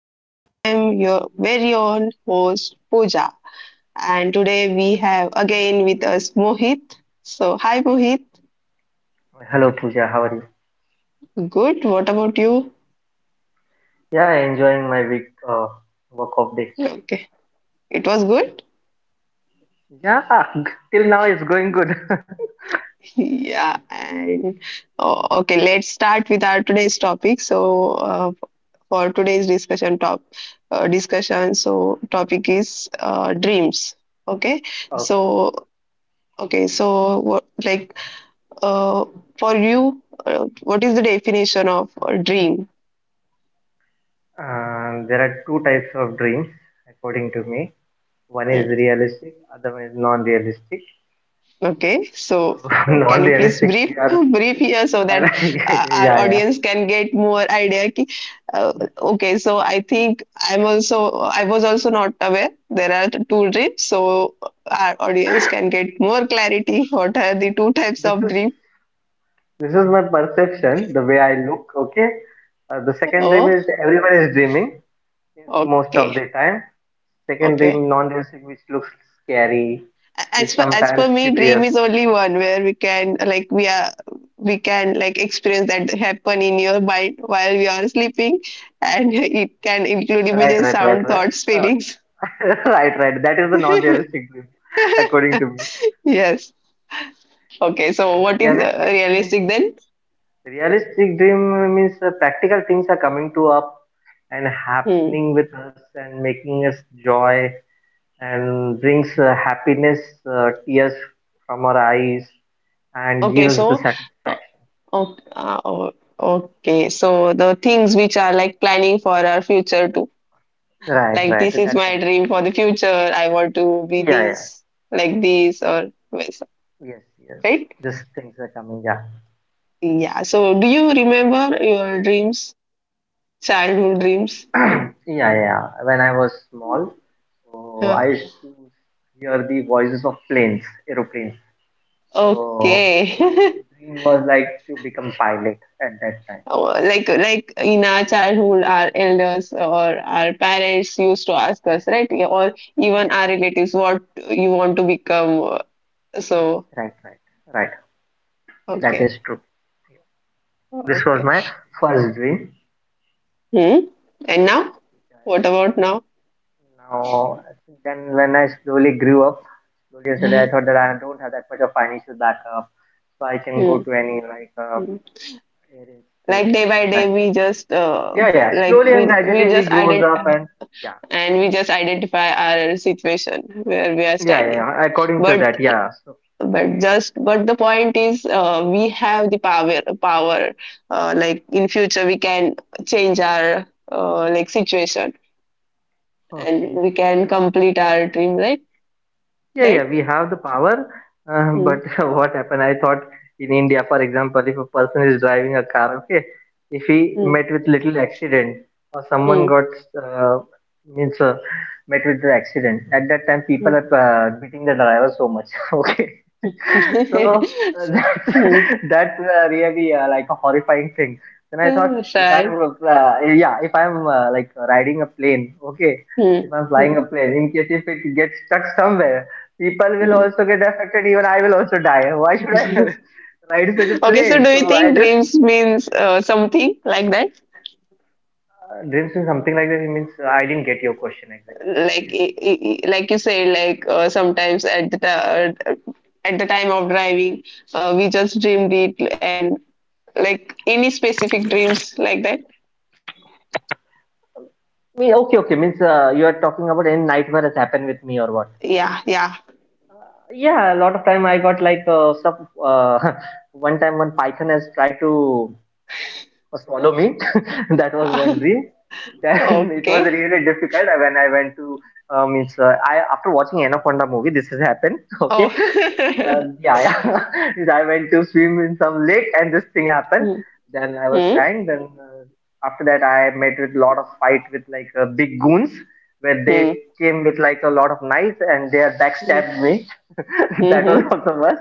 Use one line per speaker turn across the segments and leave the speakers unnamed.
So I'm your very own host Pooja, and today we have again with us Mohit. So hi Mohit.
Hello Pooja, how are you?
Good. What about you?
Yeah, enjoying my week work of day.
Okay. It was good.
Yeah, till now it's going good.
Yeah. And oh, okay, let's start with our today's topic. So uh, for today's discussion top discussion, so topic is dreams. Okay.
Oh,
So okay. So what like Uh, for you, what is the definition of a dream?
there are two types of dreams according to me. One
Hmm,
is realistic, other one is non-realistic.
Okay,
So
so can you please
non-realistic,
brief
we are
brief here so that our
yeah, yeah.
audience can get more idea? Okay, so I think I'm also I was also not aware there are two dreams, so our audience can get more clarity. What are the two types
This
of
is
dream?
this is my perception, the way I look. Okay. The second dream
Oh,
is everyone is dreaming. Means most of
okay,
the time. Second,
okay.
dream non-realistic, which looks scary,
As
which
per
sometimes
me dream
curious.
is only one where we are we can like experience that happen in your mind while we are sleeping, and it can include
Right,
images,
right, right,
sound,
right.
thoughts,
Uh,
feelings.
right, right. That is the non-realistic dream, according to me.
Yes. Okay, so
And the
what is
realistic dream,
realistic then?
realistic dream means practical things are coming to up and
Hmm.
happening with us and making us joy and brings happiness, tears from our eyes, and
Okay,
gives the
so uh,
satisfaction.
o- uh, o- okay, so the things which are like planning for our future too,
Right,
like
right.
this is
That
my
comes.
dream for the future. I want to be
Yeah, yeah.
this, or yes.
Yes, yes.
Right?
These things are coming. Yeah.
Yeah. So, do you remember your dreams, childhood dreams?
Yeah, yeah. When I was small, so
Huh.
I used to hear the voices of planes, aeroplanes. So
Okay.
my dream was like to become pilot at that time.
Oh, like in our childhood, our elders or our parents used to ask
Yeah,
us, right? Yeah. Or even
yeah.
our relatives, what you want to become. So,
Right, right, right. That
okay.
is true. This was
Okay.
my first dream.
Hmm. And now? What about now?
Now, then when I slowly grew up, slowly and steadily, I thought that I don't have that much of financial backup, so I can go
Hmm.
to any like
Hmm.
it is cute.
Like day
I
by
like
day,
that.
we just
Yeah, yeah. Slowly and
we
gradually we
just
grows up and yeah,
identify our situation where we are
yeah, yeah,
standing,
yeah, according to
but
that, yeah. So
but just but the point is we have the power, in future we can change our situation and
okay.
we can
No,
complete our dream, right?
yeah, yeah.
Right.
We have the power, but
Hmm,
what happened? I thought in India, for example, if a person is driving a car, okay, if he
hmm,
met with little accident or someone
hmm,
got uh, means met with the accident, at that time people
hmm.
are beating the driver so much. Okay. So uh, that's
Hmm.
that's really like a horrifying thing. Then I thought, if
Right.
I'm yeah, if I'm like riding a plane, okay,
Hmm,
if I'm
hmm,
flying a plane, in case if it gets stuck somewhere, people will
hmm.
also get affected. Even I will also die. Why should I ride such a
Okay, so
plane?
do you
So I
think
just
dreams means something like that,
dreams in something like that. It means I didn't get your question exactly.
like
Means,
you said, like sometimes at the at the time of driving we just dreamed it, and like any specific dreams like that?
okay, okay. Means you are talking about any nightmare has happened with me or what?
Yeah. Yeah.
Yeah, a lot of time I got like some one time one python has tried to swallow me. That was one dream. Then it was
Okay.
really difficult when I went to I after watching Anaconda movie. This has happened.
Oh.
Okay, yeah, yeah. I went to swim in some lake and this thing happened.
Hmm,
Then I was
hmm,
crying. Then after that, I met with lot of fight with like big goons where they
hmm,
came with like a lot of knives and they had
hmm,
backstabbed me. That was
mhm.
also worse.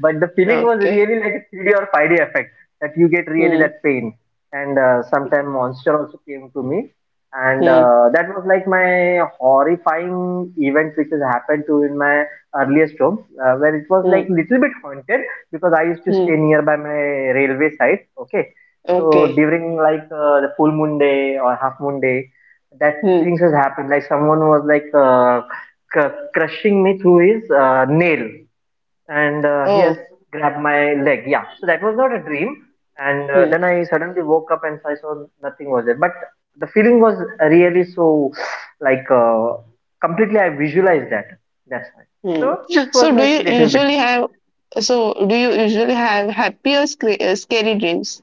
But the feeling was
Okay.
really like a 3D or 5D effect that you get really
Hmm,
that pain. And sometime monster also came to me. And
hmm,
that was like my horrifying event which has happened to in my earliest jobs where it was like
hmm,
little bit haunted because I used to stay
hmm.
nearby my railway site. Okay, so
Okay.
during like the full moon day or half moon day, that
Hmm.
things has happened. Like someone was like crushing me through his nail and he has
Oh.
grabbed my leg. Yeah, so that was not a dream. And
Hmm,
then I suddenly woke up and I saw nothing was there. But the feeling was really so like completely. I visualized that. That's why.
hmm.
So this was
So do
like
you
little bit.
usually have happy or scary, scary dreams?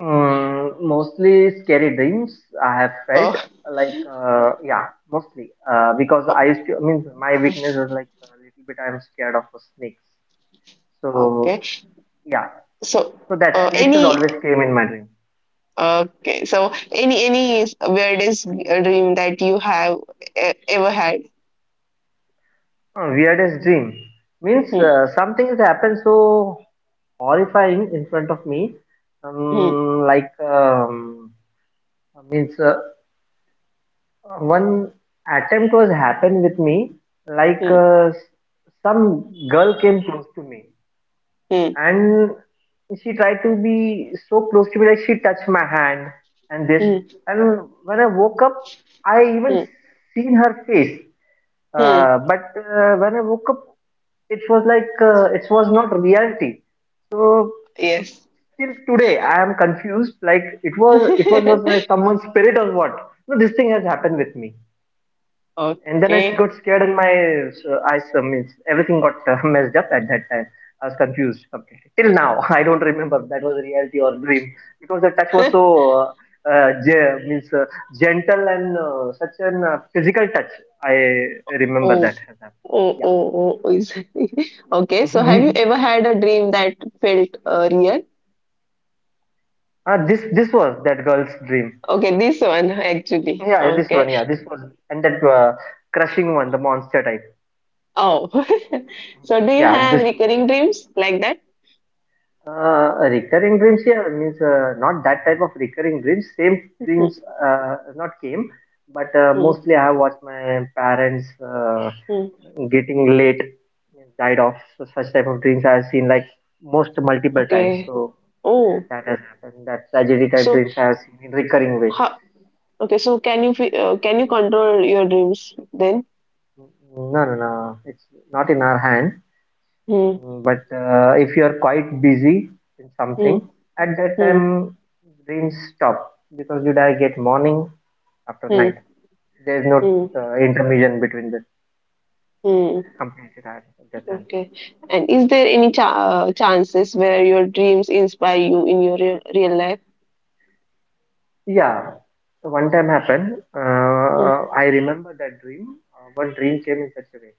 Mostly scary dreams I have felt
Oh.
like yeah mostly because I
Oh,
used to I mean my weakness is like a little bit I am scared of snakes, so
okay.
yeah,
So,
so that snakes has always
any
came in my dream.
okay. So, any weirdest dream that you have ever had?
Weirdest dream means
Hmm,
something has happened so horrifying in front of me,
hmm,
like means one attempt was happened with me like
hmm,
some girl came close to me
hmm,
and she tried to be so close to me, like she touched my hand and this,
hmm,
and when I woke up I even
hmm,
seen her face,
hmm.
but when I woke up it was like it was not reality. So
Yes.
till today I am confused like it was like someone's spirit or what. No, this thing has happened with me, and then I
Okay.
got scared and my eyes means everything got messed up at that time. I was confused completely. Till now, I don't remember if that was reality or dream because the touch was so ge- means gentle and such an physical touch. I remember
Oh,
that. Has happened.
oh, oh, oh. Okay. So,
Yeah.
have you ever had a dream that felt real?
This was that girl's dream.
Okay, this one actually.
Yeah, this one.
Okay.
Yeah, this was and that crushing one, the monster type.
Oh. So, do you
Yeah,
have
this.
recurring dreams like that?
Recurring dreams, yeah, means not that type of recurring dreams. Same dreams
Hmm,
not came, but
hmm,
mostly I have watched my parents
hmm.
getting late, died off. So such type of dreams I have seen like most multiple times.
Okay.
So
Oh,
that has happened. That tragedy type
so
dreams I have seen in recurring way.
how? Okay, so can can you control your dreams then?
No, no, no. It's not in our hand.
Hmm.
But if you are quite busy in
Hmm.
something, at that
Hmm.
time brains stop because you die get morning after night.
Hmm.
There is no
Hmm.
intermission between the.
Hmm.
Completely right at that time.
Okay. And is there any chances where your dreams inspire you in your real life?
Yeah, so one time happened.
Hmm.
I remember that dream. One dream came in such a way.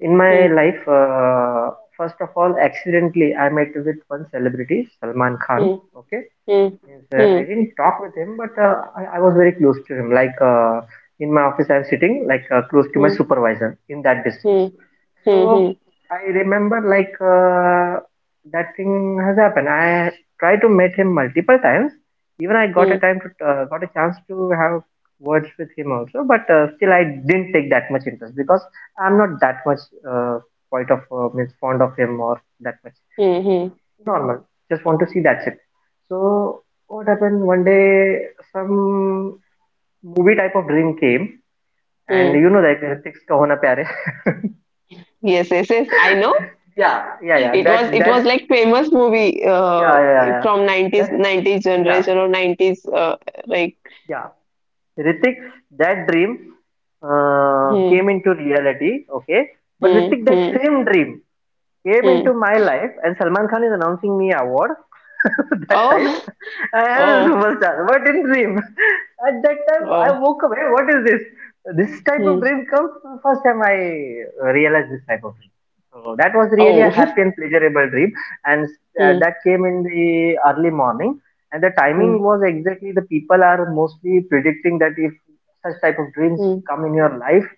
In my
Hmm.
life, first of all, accidentally I met with one celebrity, Salman Khan.
Hmm.
Okay.
Hmm.
Yes,
Hmm.
I didn't talk with him, but I was very close to him. Like in my office, I'm sitting like close to my
Hmm.
supervisor in that distance.
Hmm. Hmm.
So
Hmm.
I remember like that thing has happened. I tried to meet him multiple times. Even I got a
Hmm.
time to got a chance to have words with him also, but still I didn't take that much interest because I'm not that much quite of means fond of him or that much
Hmm. Hmm.
normal. Just want to see that's it. So what happened? One day, some movie type of dream came, and
Hmm.
like Ritik's Kahona Pyare.
Yes. Yes. Yes. I know.
Yeah, yeah, yeah.
It
That
was
that
like famous movie
yeah, yeah, yeah, yeah.
from
That,
90s
yeah,
generation, or 90s like.
yeah. Ritik's that dream
Hmm.
came into reality. Okay, but
Hmm.
Ritik that
Hmm.
same dream came
Hmm.
into my life and Salman Khan is announcing me award that time.
Oh.
I am a
Oh.
superstar. What in dream? At that time
Oh.
I woke up. Hey, what is this? This type of
Hmm.
dream comes first time I realized this type of dream. So that was really a
Oh.
happy and pleasurable dream, and
Hmm.
that came in the early morning. And the
Hmm.
timing was exactly the people are mostly predicting that if such type of dreams
Hmm.
come in your life,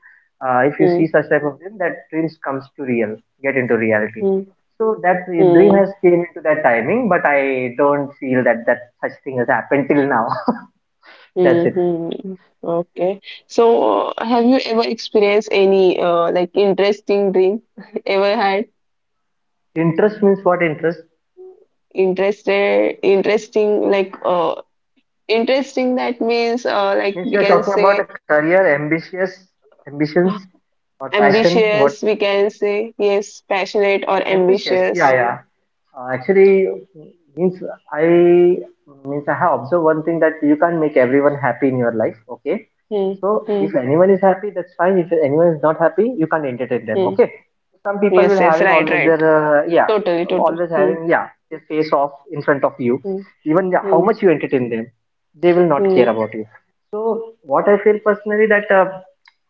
if you
Hmm.
see such type of dream, that dreams comes to real, get into reality,
Hmm.
so that dream
Hmm.
has came into that timing, but I don't feel that that such thing has happened till now. That's
Hmm.
it.
Hmm. Okay. So, have you ever experienced any interesting dream? Ever had
Interest means what? Interest
interested interesting, like interesting that means like
means
we
You're
can
talking about a
say,
career, ambitious, ambitions
uh,
or passion. What
ambitious we can say? Yes, passionate or
ambitious? Yeah,
ambitious.
yeah. Actually, means I have observed one thing that you can't make everyone happy in your life. Okay,
Hmm,
so
hmm,
if anyone is happy, that's fine. If anyone is not happy, you can't entertain them.
hmm.
Okay, some people
Yes,
will
yes,
having
right,
always
right.
their yeah,
Totally, totally.
always
Hmm.
having, yeah, their face off in front of you. Even how
Hmm.
much you entertain them, they will not
Hmm.
care about you. So what I feel personally that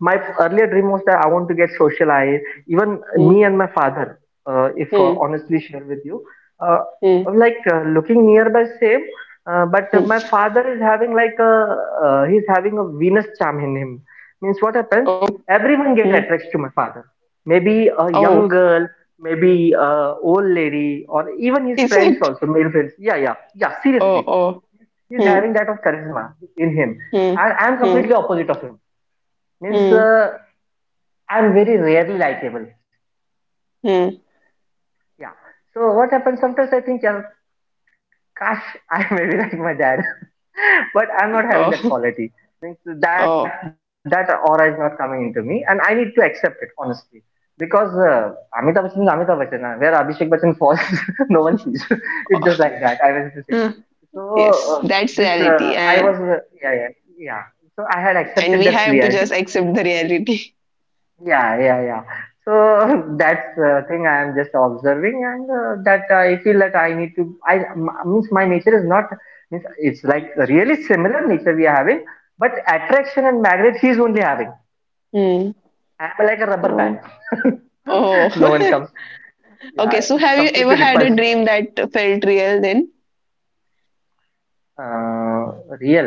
my earlier dream was that I want to get socialized. Even
Hmm.
me and my father, if
Hmm.
honestly share with you, uh,
Hmm. Mm,
like looking nearby same but my
mm.
father is having like a he's having a venus charm in him, means what happens
Oh,
everyone get
mm,
attracted to my father, maybe a
oh,
young girl, maybe a old lady or even his
is
friends
it?
also, male friends. Yeah, yeah, yeah.
Oh,
Seriously,
oh.
he's
Hmm.
having that of charisma in him,
Hmm.
and I'm
Hmm.
completely opposite of him, means
Hmm.
I'm very rarely likable,
Mm.
yeah. So what happens sometimes I think, yeah, gosh, I may be like my dad, but I'm not having that
Oh,
quality. Means that that
oh,
aura is not coming into me, and I need to accept it honestly. Because Amitabh Bachchan is Amitabh Bachchan, where Abhishek Bachchan falls, no one sees. It's just like
oh.
that. I was to say.
Mm.
So, uh,
Yes,
this
that's reality,
I was
and
yeah, yeah, yeah. So I had accepted
we
that
have to
reality,
just accept the reality.
yeah, yeah, yeah. So that's thing I am just observing, and that I feel that I need to. Means my nature is not. Means it's like a really similar nature we are having, but attraction and magnet he is only having.
Hmm.
I'm like a rubber band.
Oh, oh.
No one comes to me.
Okay.
Yeah,
So,
it's
have you
completely
ever had a
repulsed.
dream that felt real? Then,
Uh, Real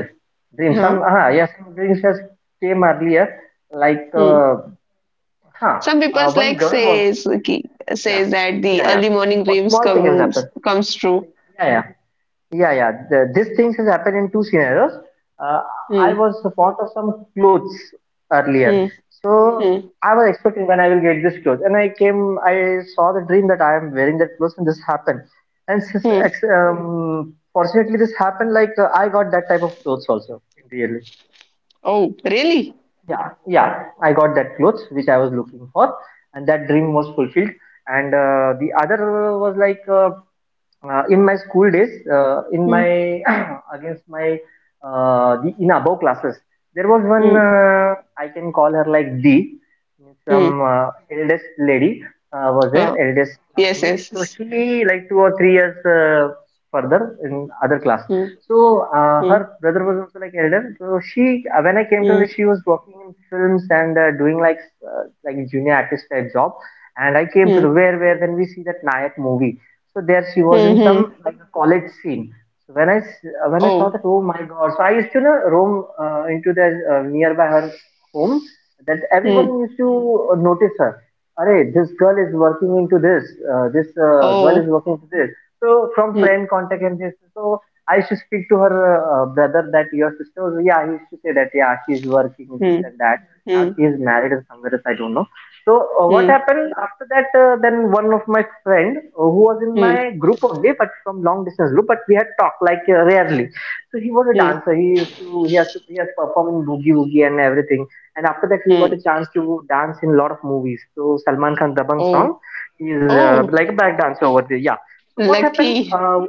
dream.
huh?
Some yeah, yes, some dreams just came earlier. Like
Hmm.
huh,
Some people
one
like
girl was, yeah,
says that
yeah,
the
yeah.
early morning
A
dreams
small thing has happened.
comes true.
Yeah, yeah, yeah, yeah. This thing has happened in two scenarios. Uh, I
Hmm,
was bought of some clothes earlier,
hmm,
so
hmm,
I was expecting when I will get this clothes, and I came. I saw the dream that I am wearing that clothes, and this happened. And since,
hmm.
fortunately, this happened. Like I got that type of clothes also. Really.
Oh, really?
Yeah, yeah. I got that clothes which I was looking for, and that dream was fulfilled. And the other was like. In my school days in my
Hmm,
against my the in above classes there was one
hmm,
I can call her like the
hmm.
some eldest lady was her
Wow.
eldest
Yes,
classmate,
yes,
so
yes.
she like two or three years further in other class.
Hmm,
So her
hmm,
brother was also like elder, so she when I came to
hmm,
her, she was working in films and doing like junior artist type job. And I came to the
hmm,
where when we see that Nayak movie, so there she was
hmm,
in some
hmm.
like a college scene. So when when I saw
Oh,
that, oh my God! So I used to, you know, roam into the nearby her home. That everyone
hmm,
used to notice her. Arey, this girl is working into this. Girl is
oh,
working into this. So from
hmm,
friend contact and this. So I used to speak to her brother that your sister was. Yeah, he used to say that. Yeah, she is working this
hmm,
and that. Now
hmm,
she is married and somewhere else. I don't know. So what
hmm,
happened after that? Then one of my friend who was in
hmm,
my group only, but from long distance group, but we had talked like rarely. So he was a
hmm,
dancer. He used to he has performed in Boogie Woogie and everything. And after that, he got a
hmm.
chance to dance in a lot of movies. So Salman Khan Dabang song,
Oh,
he's like a
oh,
back dancer over there. Yeah. So what happened?
lucky.
Uh,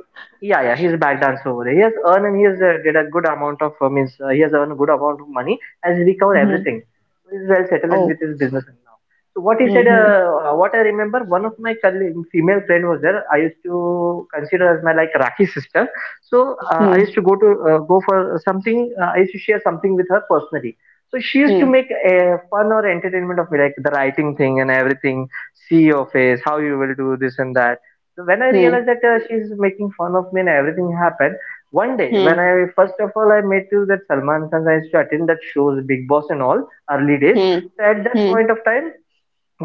yeah, Yeah, he's a back dancer over there. He has earned and he has get a good amount of means he has earned a good amount of money as he recovered
Hmm.
everything. So he's well settled and with
Oh.
his business now. So what he said,
Hmm.
what I remember, one of my colleague, female friend was there. I used to consider as my like Rakhi sister. So I used
Hmm.
to go for something. I used to share something with her personally. So she used to
Hmm.
make a fun or entertainment of me, like the writing thing and everything. See your face, how you will do this and that. So when I
Hmm.
realized that she's making fun of me and everything happened, one day when
Hmm.
I first of all I met to that Salman Khan, I used to attend that shows, Big Boss and all, early days.
Hmm. Hmm.
So at that
Hmm.
point of time,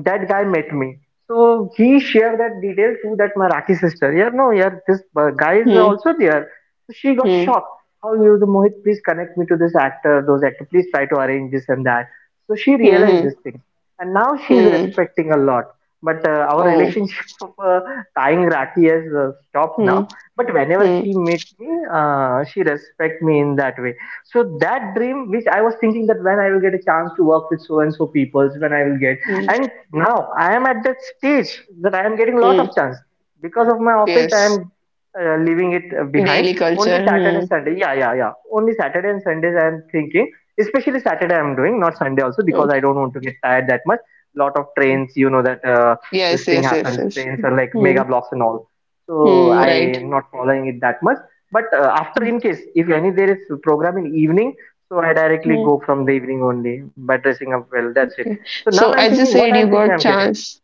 that guy met me. So he shared that detail to that Marathi sister. Yeah, no, yeah, this guy is
Hmm.
also there. So she got
Hmm.
shocked. How you, the Mohit, please connect me to this actor, those actor, please try to arrange this and that. So she realized
Hmm.
this thing. And now she is
Hmm.
respecting a lot. But our
Oh.
relationship of tying Rakhi has stopped now.
Hmm.
But whenever
Hmm.
she meet me, she respect me in that way. So that dream, which I was thinking that when I will get a chance to work with so and so peoples, when I will get,
Hmm.
and now I am at that stage that I am getting a lot of
Hmm.
chance because of my office. I
Yes.
am leaving it behind.
Daily
Only
culture.
Saturday,
Hmm.
Sunday. Yeah, yeah, yeah. Only Saturday and Sundays I am thinking. Especially Saturday I am doing, not Sunday also, because I
Okay.
don't want to get tired that much. Lot of trains, you know that this
Yes.
thing
Yes. Yes.
happens.
Yes.
Trains are like
Hmm.
mega blocks and all. So
Hmm.
I
Right.
am not following it that much. But after,
Hmm.
in case if any there is program in evening, so I directly go
Hmm.
from the evening only by dressing up well. That's it.
Okay.
So now
So
I'm
as you
thinking what
said,
I'm
you
thinking
got
I'm getting.
chance.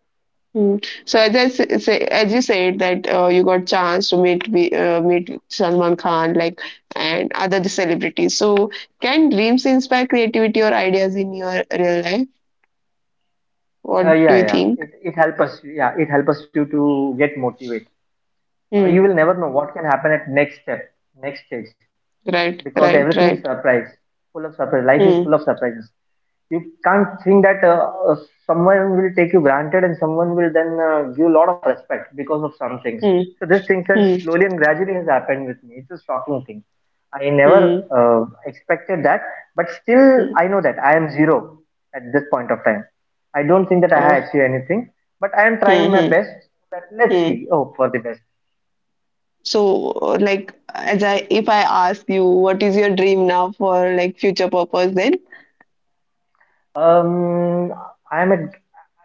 Hmm. So as as you said that you got chance to meet Salman Khan, like,
Mhm.
and other celebrities. So, can dreams inspire creativity or ideas in your real life? What do
Yeah,
you
yeah.
think?
Yeah. It helps us. Yeah, it helps us you to get motivated. You
Hmm.
will never know what can happen at next step, next stage,
Right.
because
Right.
everything is
Right.
surprise, full of surprise. Life is full
Hmm.
of surprises. You can't think that someone will take you granted and someone will then give a lot of respect because of some things.
Hmm.
So this thing has
Hmm.
slowly and gradually has happened with me. It's a shocking thing. I never
Hmm.
uh, expected that, but still
Hmm.
I know that I am zero at this point of time. I don't think that I have
Oh.
achieved anything, but I am
Hmm.
trying my
Hmm.
best. That let's
Hmm.
see. Hope for the best.
So, if I ask you, what is your dream now for like future purpose, then?
Um, I am a,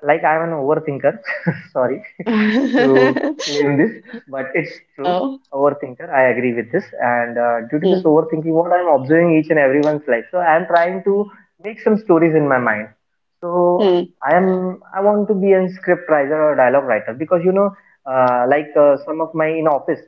like I am an overthinker. Sorry, to claim this, but it's true.
Oh.
Overthinker, I agree with this. And due to this
Hmm.
overthinking, what I'm observing each and everyone's life, so I'm trying to make some stories in my mind. So
Hmm.
I am, I want to be a script writer or a dialogue writer, because you know, like some of my in office,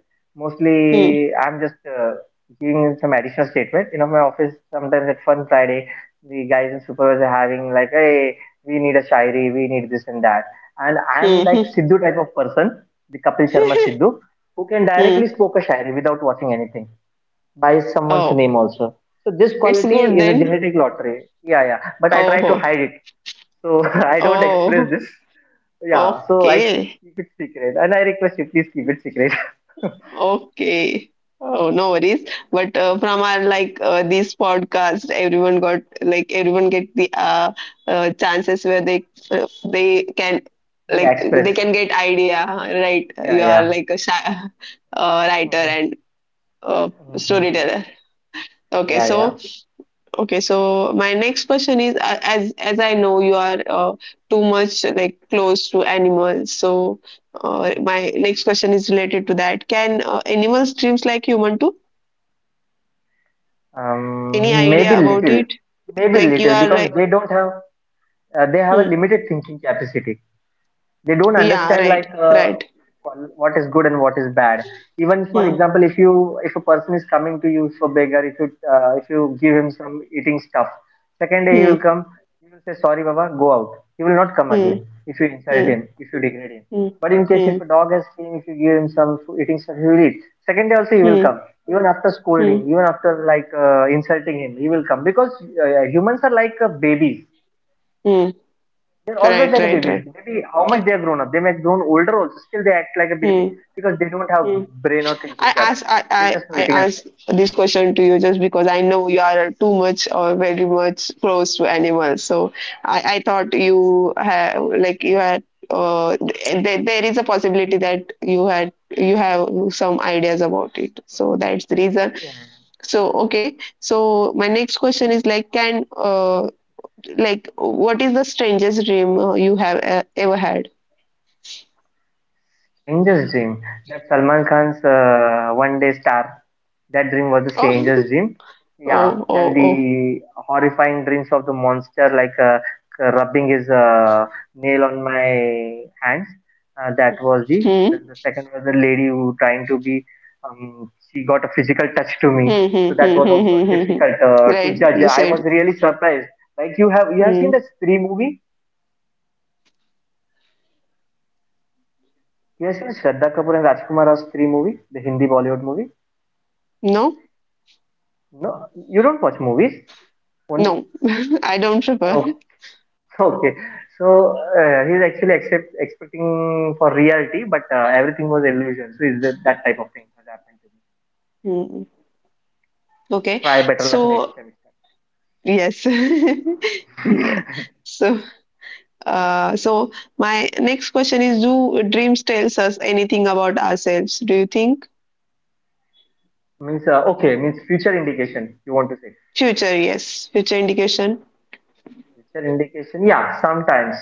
Hmm.
mostly I'm just giving some additional statement. You know, my office sometimes at Fun Friday, the guys and supervisors are having like, hey, we need a shayari, we need this and that, and I'm
Hmm.
like
Hmm.
Sidhu type of person, the Kapil Sharma Sidhu, who can
Hmm.
directly spoke a shairi without watching anything by someone's
Oh,
name also. So this
it's
quality
good
is a
then.
genetic lottery. Yeah, yeah. But I try to
Oh.
hide it, so I don't express
Oh.
this. Yeah, so I
Okay.
keep it secret, and I request you please keep it secret.
Okay. Oh, no worries. But from our like these podcasts, everyone got like everyone get the chances where they can
Yeah, express.
get idea, right?
Yeah,
You are
yeah.
like a shy, writer
Mhm,
and uh,
mhm, mhm.
storyteller. Okay,
Yeah, yeah.
so Okay, so my next question is, as I know you are too much like close to animals, so
Mhm.
my next question is related to that. Can animals dreams like human too? Any
Maybe
idea about
little,
it?
maybe
Like you
little,
are
because
like,
they don't have they have a
hmm,
limited thinking capacity. They don't
yeah,
understand
right,
like
right.
what is good and what is bad. Even, for
Hmm,
example, if you, if a person is coming to you for beggar, if you give him some eating stuff, second day he will
hmm,
come, he will say sorry baba go out, he will not come
hmm,
again if you insult
hmm,
him, if you degrade him.
hmm, hmm,
But in case
hmm,
if a dog has seen, if you give him some eating stuff, he will eat, second day also he will
hmm,
come, even after scolding,
hmm.
even after like insulting him, he will come. Because humans are like babies,
Hmm.
they're always like a
Right, right,
babies.
right.
Maybe how much they have grown up. They may have grown older also. Still they act like a
Hmm,
baby, because they don't have
hmm.
brain or thinking capacity. They're just
I
waiting and
ask
sleeping.
this question to you just because I know you are too much or very much close to animals. So I thought you have like you had there is a possibility that you have some ideas about it. So that's the reason.
Yeah.
So okay. So my next question is, like, can what is the strangest dream you have ever had?
Strangest dream, that Salman Khan's one day star. That dream was the
Oh.
strangest dream. Yeah,
Oh,
then
oh,
the
oh.
horrifying dreams of the monster, like rubbing his nail on my hands. That was the.
Hmm.
Then the second was the lady who trying to be. She got a physical touch to me,
Hmm, hmm,
so that
hmm, hmm,
was
hmm,
also
hmm, hmm. Hmm.
difficult to
Right,
judge.
you
I
said.
was really surprised. Like you have, you have seen
Hmm.
the Stree movie. You have seen Shraddha Kapoor and Rajkumar Rao's Stree movie, the Hindi Bollywood movie.
No,
No, you don't watch movies. Only
no, I don't prefer.
oh, okay. So he's actually expecting for reality, but everything was illusion. So is that, that type of thing that happened to me?
Hmm. Okay,
Try better luck next
so
time.
yes, yeah. So, so my next question is: do dreams tells us anything about ourselves? Do you think
Means okay. Means future indication. You want to say
future? Yes, future indication.
future indication? Yeah, sometimes.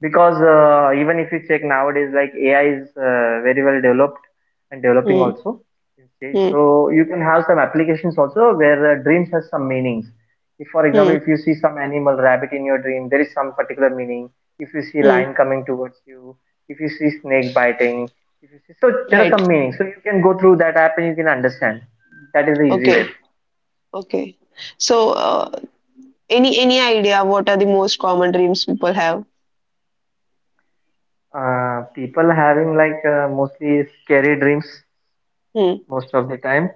Because even if you check nowadays, like AI is very well developed and developing
Hmm,
also in stage,
hmm,
so you can have some applications also where dreams has some meanings. If, for
hmm,
example, if you see some animal, rabbit in your dream, there is some particular meaning. If you see
hmm.
lion coming towards you, if you see snake biting, if you see, so there are some
Right.
meanings, so you can go through that app and you can understand. That is the easy way.
Okay. Okay. So, any idea what are the most common dreams people have?
People having like mostly scary dreams
Hmm,
most of the time,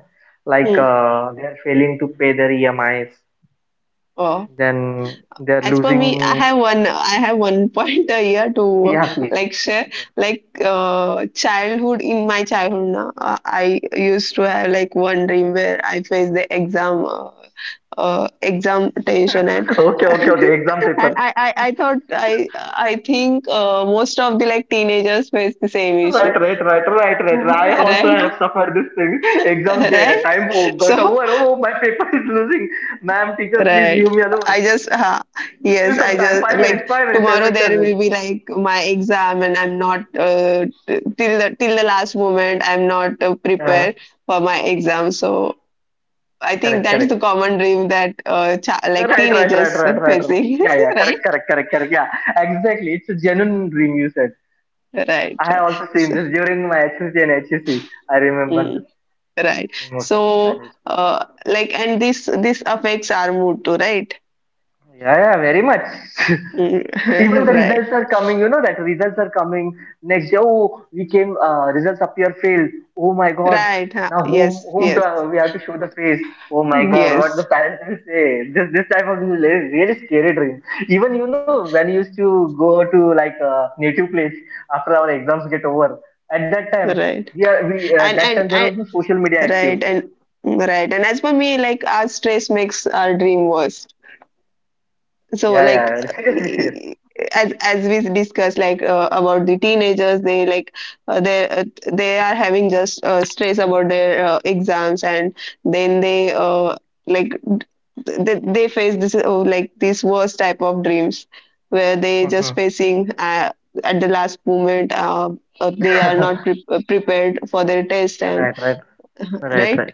like
hmm.
they are failing to pay their EMIs,
Oh.
then they are
As per me, I
losing,
have one. I have one point a year to
yeah, please,
like share. Like in my childhood, na, I used to have like one dream where I faced the exam tension, and
okay, okay, okay, exam paper,
I thought I think most of the like teenagers face the same issue,
right, right, right, right, right. I also
right?
have suffered this thing. Exam day
Right?
time, oh, got
So
over, oh, my paper is losing, ma'am, teacher, please
right.
leave me alone,
I just, uh,
give
yes, I
some time,
just
5 minutes,
like
5 minutes, ten
tomorrow
minutes ten
there will
minutes
be like my exam, and I'm not till the last moment I'm not
yeah,
prepared for my exam. So I think
correct,
that's the
correct,
common dream that cha like
right, right, right,
teenagers
right,
are
right, right.
facing,
Yeah, yeah, correct,
right?
correct, correct, correct, yeah, exactly, it's a genuine dream, you said.
Right,
I
right.
have also seen
So,
this during my HSC and HSC. I remember this
mm, right.
in most of the
So
primary schools.
like and this affects our mood too, right?
Yeah, yeah, very much. Even
Mm,
the
right.
results are coming, that results are coming next day. Oh, we came, results appear failed. Oh my God.
Right. Huh.
Now
Yes, yes,
we have to show the face. Oh my God, what the
yes.
parents will say. This type of really, really scary dream. Even, when you used to go to like a native place after our exams get over, at that time,
Right. and
that
and,
time there
and
was no social media active.
right and right, and as for me, like our stress makes our dream worse, so
Yeah,
like,
yeah, seriously, seriously.
eh, as we discussed, like about the teenagers, they like uh, they uh, they are having just stress about their exams, and then they like they face this this worst type of dreams where they just
Mhm.
facing at the last moment they are not prepared for their test, and
Right, right. Right,
right.
right.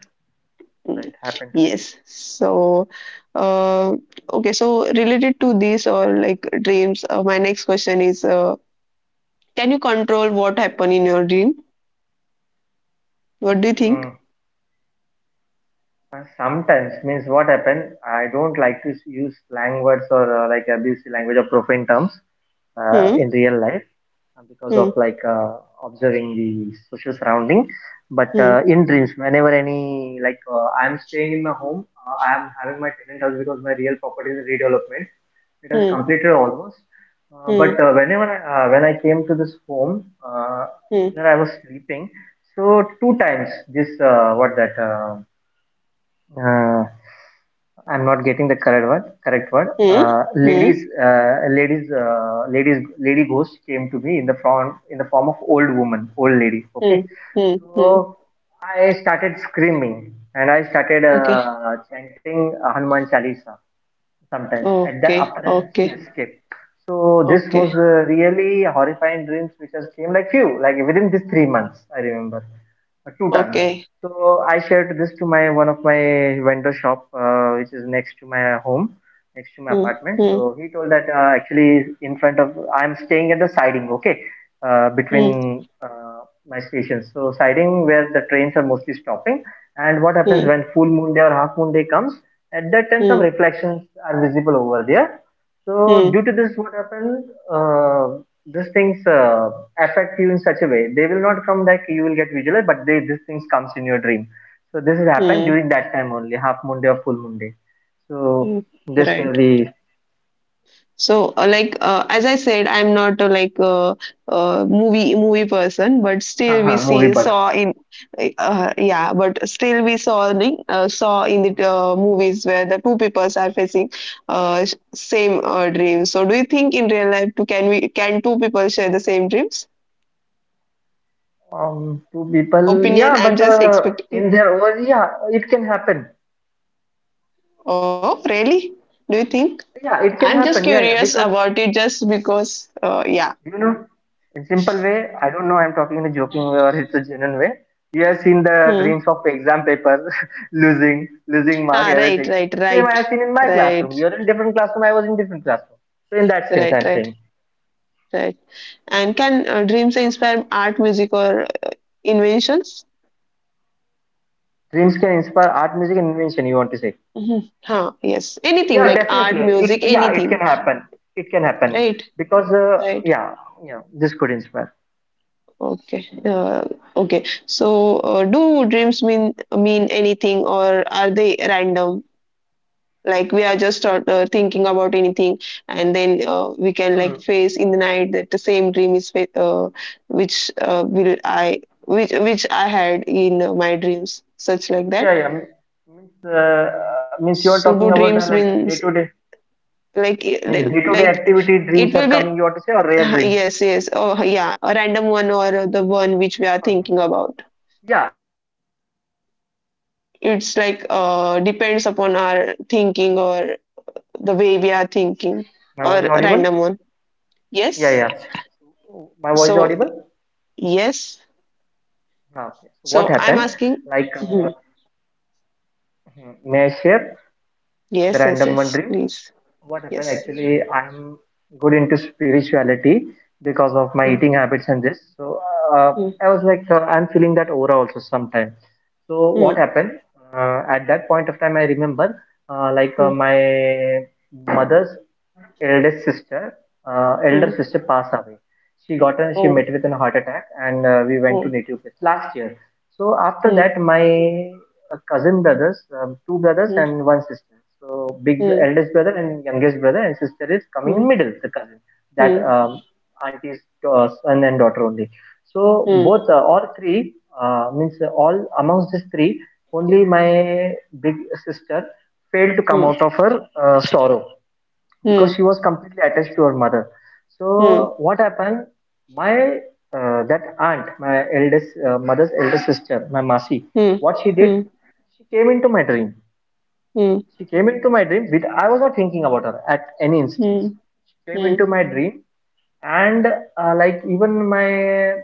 Right, happened.
Yes. So, uh, okay. So, related to this or like dreams, my next question is: can you control what happen in your dream? What do you think?
Mm. Sometimes means what happened? I don't like to use slang words or like abusive language or profane terms in
Hmm.
real life because of
Hmm.
like observing the social surrounding. But
Hmm.
in dreams, whenever any like I'm staying in my home, I'm having my tenant house because my real property is redevelopment. It has
Hmm.
completed almost.
Hmm.
When I came to this home
Hmm.
where I was sleeping, so two times this what that uh, I'm not getting the correct word. Correct word.
Hmm. Hmm.
Lady ghost came to me in the form of old woman, old lady.
Hmm.
Okay,
Hmm. Hmm.
so I started screaming and I started
Okay.
chanting Hanuman Chalisa sometimes, and then
Okay.
after that she
Okay.
escaped. So this was
Okay.
really horrifying dreams which has came like few like within these 3 months. I remember two tons.
Okay.
So I shared this to my one of my vendor shop, which is next to my home, next to my
Hmm.
apartment.
Hmm.
So he told that actually in front of I'm staying at the siding, okay,
Hmm.
between my stations. So siding where the trains are mostly stopping. And what happens
Hmm.
when full moon day or half moon day comes? At that time, some
Hmm.
reflections are visible over there. So due
Hmm.
to this, what happened? Uh, these things affect you in such a way they will not come back, you will get visualized, but they, these things comes in your dream. So this has happened
Hmm.
during that time only, half moon day or full moon day. So
Hmm.
this will
Right.
be
So, as I said, I'm not a movie person, but still we
movie
see
bug.
saw in yeah, but still we saw like, saw in the movies where the two peoples are facing same dream. So, do you think in real life too, can we can two people share the same dreams?
Two people,
Opinion,
yeah, but
I'm just
in
expecting.
their own, yeah, it can happen,
Oh, really? Do you think?
yeah, it can
I'm just
happen, yeah, yeah,
curious
because
about it, just because. Yeah.
You know, in simple way, I don't know I'm talking in a joking way or it's a genuine way. You have seen
Hmm.
the dreams of exam paper, losing, losing
Ah,
mark,
right,
everything.
right,
Same
right.
I have seen in my
Right.
classroom. You're in different classroom, I was in different classroom. So in that sense,
Right,
I'm
right,
saying
right. And can dreams inspire art, music, or inventions?
dreams can inspire art, music, and invention. You want to say?
Hmm. Huh, yes. Anything
Yeah,
like art,
definitely. It
music,
yeah, it
anything.
can happen. It can happen
Right,
because
right.
yeah, yeah, this could inspire.
Okay. Okay. So, do dreams mean anything, or are they random? Like we are just thinking about anything, and then we can like
Hmm.
face in the night that the same dream is which will I which I had in my dreams, such like that.
Yeah, yeah. Means, uh, means you are
So
talking
do
about
dreams
like a
means like
Day-to-day activity
it
dreams are
will
coming,
be,
you want to say, or rare dreams?
yes, yes, oh yeah, a random one, or the one which we are thinking
uh
about.
Yeah, whenever any random dream comes, like I
It's
want
like
to tell you one
depends
small
upon our
experience.
thinking or the way we are
Means
thinking,
my voice
or
audible?
random one.
Yeah,
Yes.
yeah. My voice
So
audible?
yes.
Ah, okay. So what
So I'm
happened?
asking.
Like,
Mhm.
may I share
Yes,
the
yes,
random
yes,
one dream?
please,
What happened
yes.
actually, I'm good into spirituality because of my
Mm,
eating habits and this. So uh,
mm,
I was like I'm feeling that aura also sometime. So what
mm,
happened? At that point of time, I remember like
mm,
my mother's eldest sister, elder
mm.
sister passed away. She got a, she
Oh,
met with a heart attack, and we went to
oh.
native place last year. So after
Mm,
that, my cousin brothers, two brothers
mm,
and one sister. So big
mm,
eldest brother and youngest brother, and sister is
mm,
coming in
mm,
middle, the cousin, that
mm,
auntie's son and daughter only. So both all three means all amongst these three, only my big sister failed to come
mm.
out of her sorrow because
Mm.
she was completely attached to her mother.
Hmm.
So what happened? My that aunt, my eldest mother's eldest sister, my Masi,
Hmm.
what she did?
Hmm.
She came into my dream.
Hmm.
She came into my dream. With I was not thinking about her at any
Hmm.
instance. She came
Hmm.
into my dream, and like even my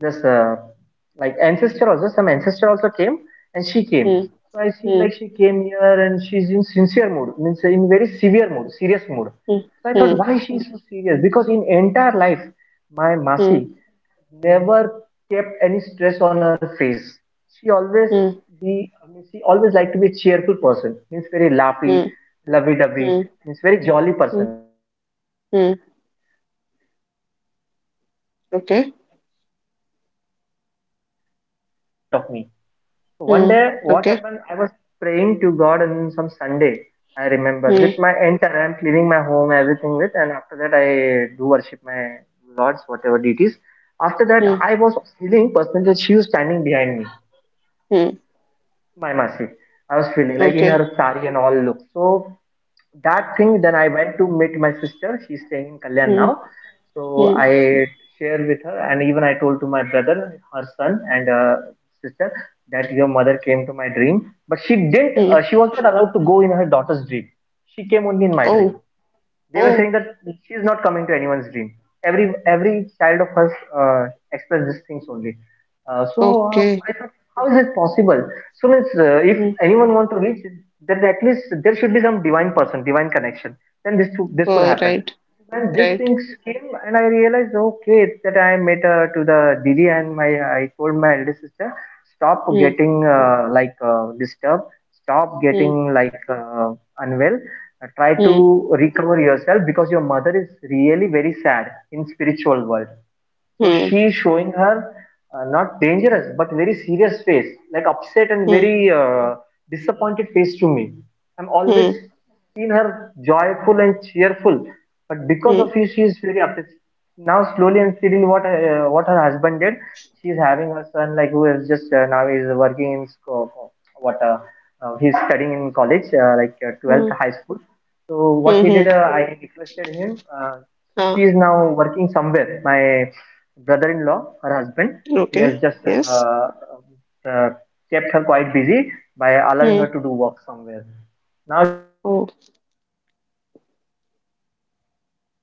just like ancestor also, some ancestor also came, and she came.
Hmm.
So I see
Hmm.
like she came here and she's in sincere mood, means in very severe mood, serious mood.
Hmm.
So I thought
Hmm.
why she is so serious? Because in entire life, my
Hmm.
Masi never kept any stress on her face. She always
Hmm.
be, I mean, she always liked to be a cheerful person, means very laughy,
Hmm.
lovey dovey,
Hmm.
means very jolly person.
Hmm.
She was in the entire life.
Hmm.
But two times she came into my dream randomly
Okay.
and she was completely showing her upset face in front of me. So one
Hmm.
day, what
Okay.
happened? I was praying to God on some Sunday. I remember with
Hmm.
my entire, I'm cleaning my home, everything with, and after that, I do worship my lords, whatever deities. After that,
Hmm.
I was feeling personally that she was standing behind me,
Hmm.
my Masi. I was feeling like in
Okay.
her sari and all look. So that thing, then I went to meet my sister. She's staying in Kalyan
Hmm.
now. So
Hmm.
I shared with her, and even I told to my brother, her son, and sister that your mother came to my dream. But she didn't.
Hmm.
She was not allowed to go in her daughter's dream. She came only in my dream.
Oh.
They were
Oh.
saying that she is not coming to anyone's dream. Every child of hers uh, express these things only. So
Okay.
I thought how is it possible? So means if
Hmm.
anyone want to reach, then at least there should be some divine person, divine connection, then this could
Oh,
happen.
right.
When these
Right.
things came and I realized, okay, that I met to the didi and my, I told my elder sister, stop
Hmm.
getting disturbed, stop getting
Hmm.
like unwell. Try to
Hmm.
recover yourself because your mother is really very sad in spiritual world, so
Hmm.
she is showing her not dangerous but very serious face, like upset and very
Hmm.
disappointed face to me. I'm
Hmm.
always seen her joyful and cheerful, but because
Hmm.
of you, she is very upset. Now slowly and steadily, what her husband did, she is having her son, like who is just now is working in sco- what he's studying in college like 12th
Hmm.
high school. So what
Hmm.
he did,
Hmm.
I requested him. She
Ah.
is now working somewhere. My brother-in-law, her husband, he
Okay.
has just
Yes.
uh, kept her quite busy by allowing
Hmm.
her to do work somewhere. Now she is a little
Oh.
busy. So I yesterday also I thought I need to meet her, but I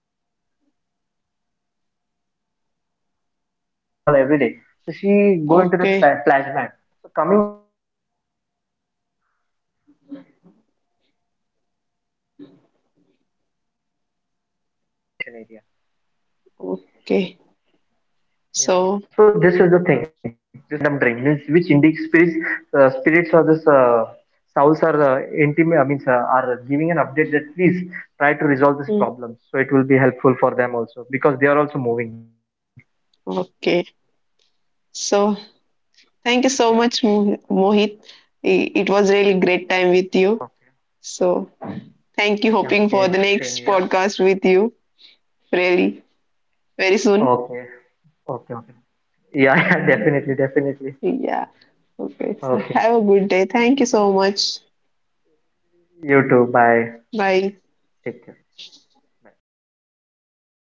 I am not went there because at 5 p.m. she used to get her mother's call every day. So she go into the
Okay.
flashback. So coming out for that situation, we are doing this. So even my brother-in-law, her husband, told me that don't discuss about her mom because she will suddenly go into that depression area.
Okay. So.
Yeah, so this is the thing. This was the random dream, means which indic spirits, spirits or this souls are intimate. I mean, are giving an update that please try to resolve this
Hmm.
problem. So it will be helpful for them also because they are also moving.
Okay. So
Yeah.
thank you so much, Mohit. It was really great time with you.
Okay.
So thank you.
Yeah,
Hoping for
okay.
the
Same
next
here.
podcast with you really very soon.
Okay. Okay. Okay. Yeah. Yeah, definitely. Definitely.
Yeah. Okay. So
Okay.
have a good day. Thank you so much.
You too. Bye.
Bye.
Take care. Bye.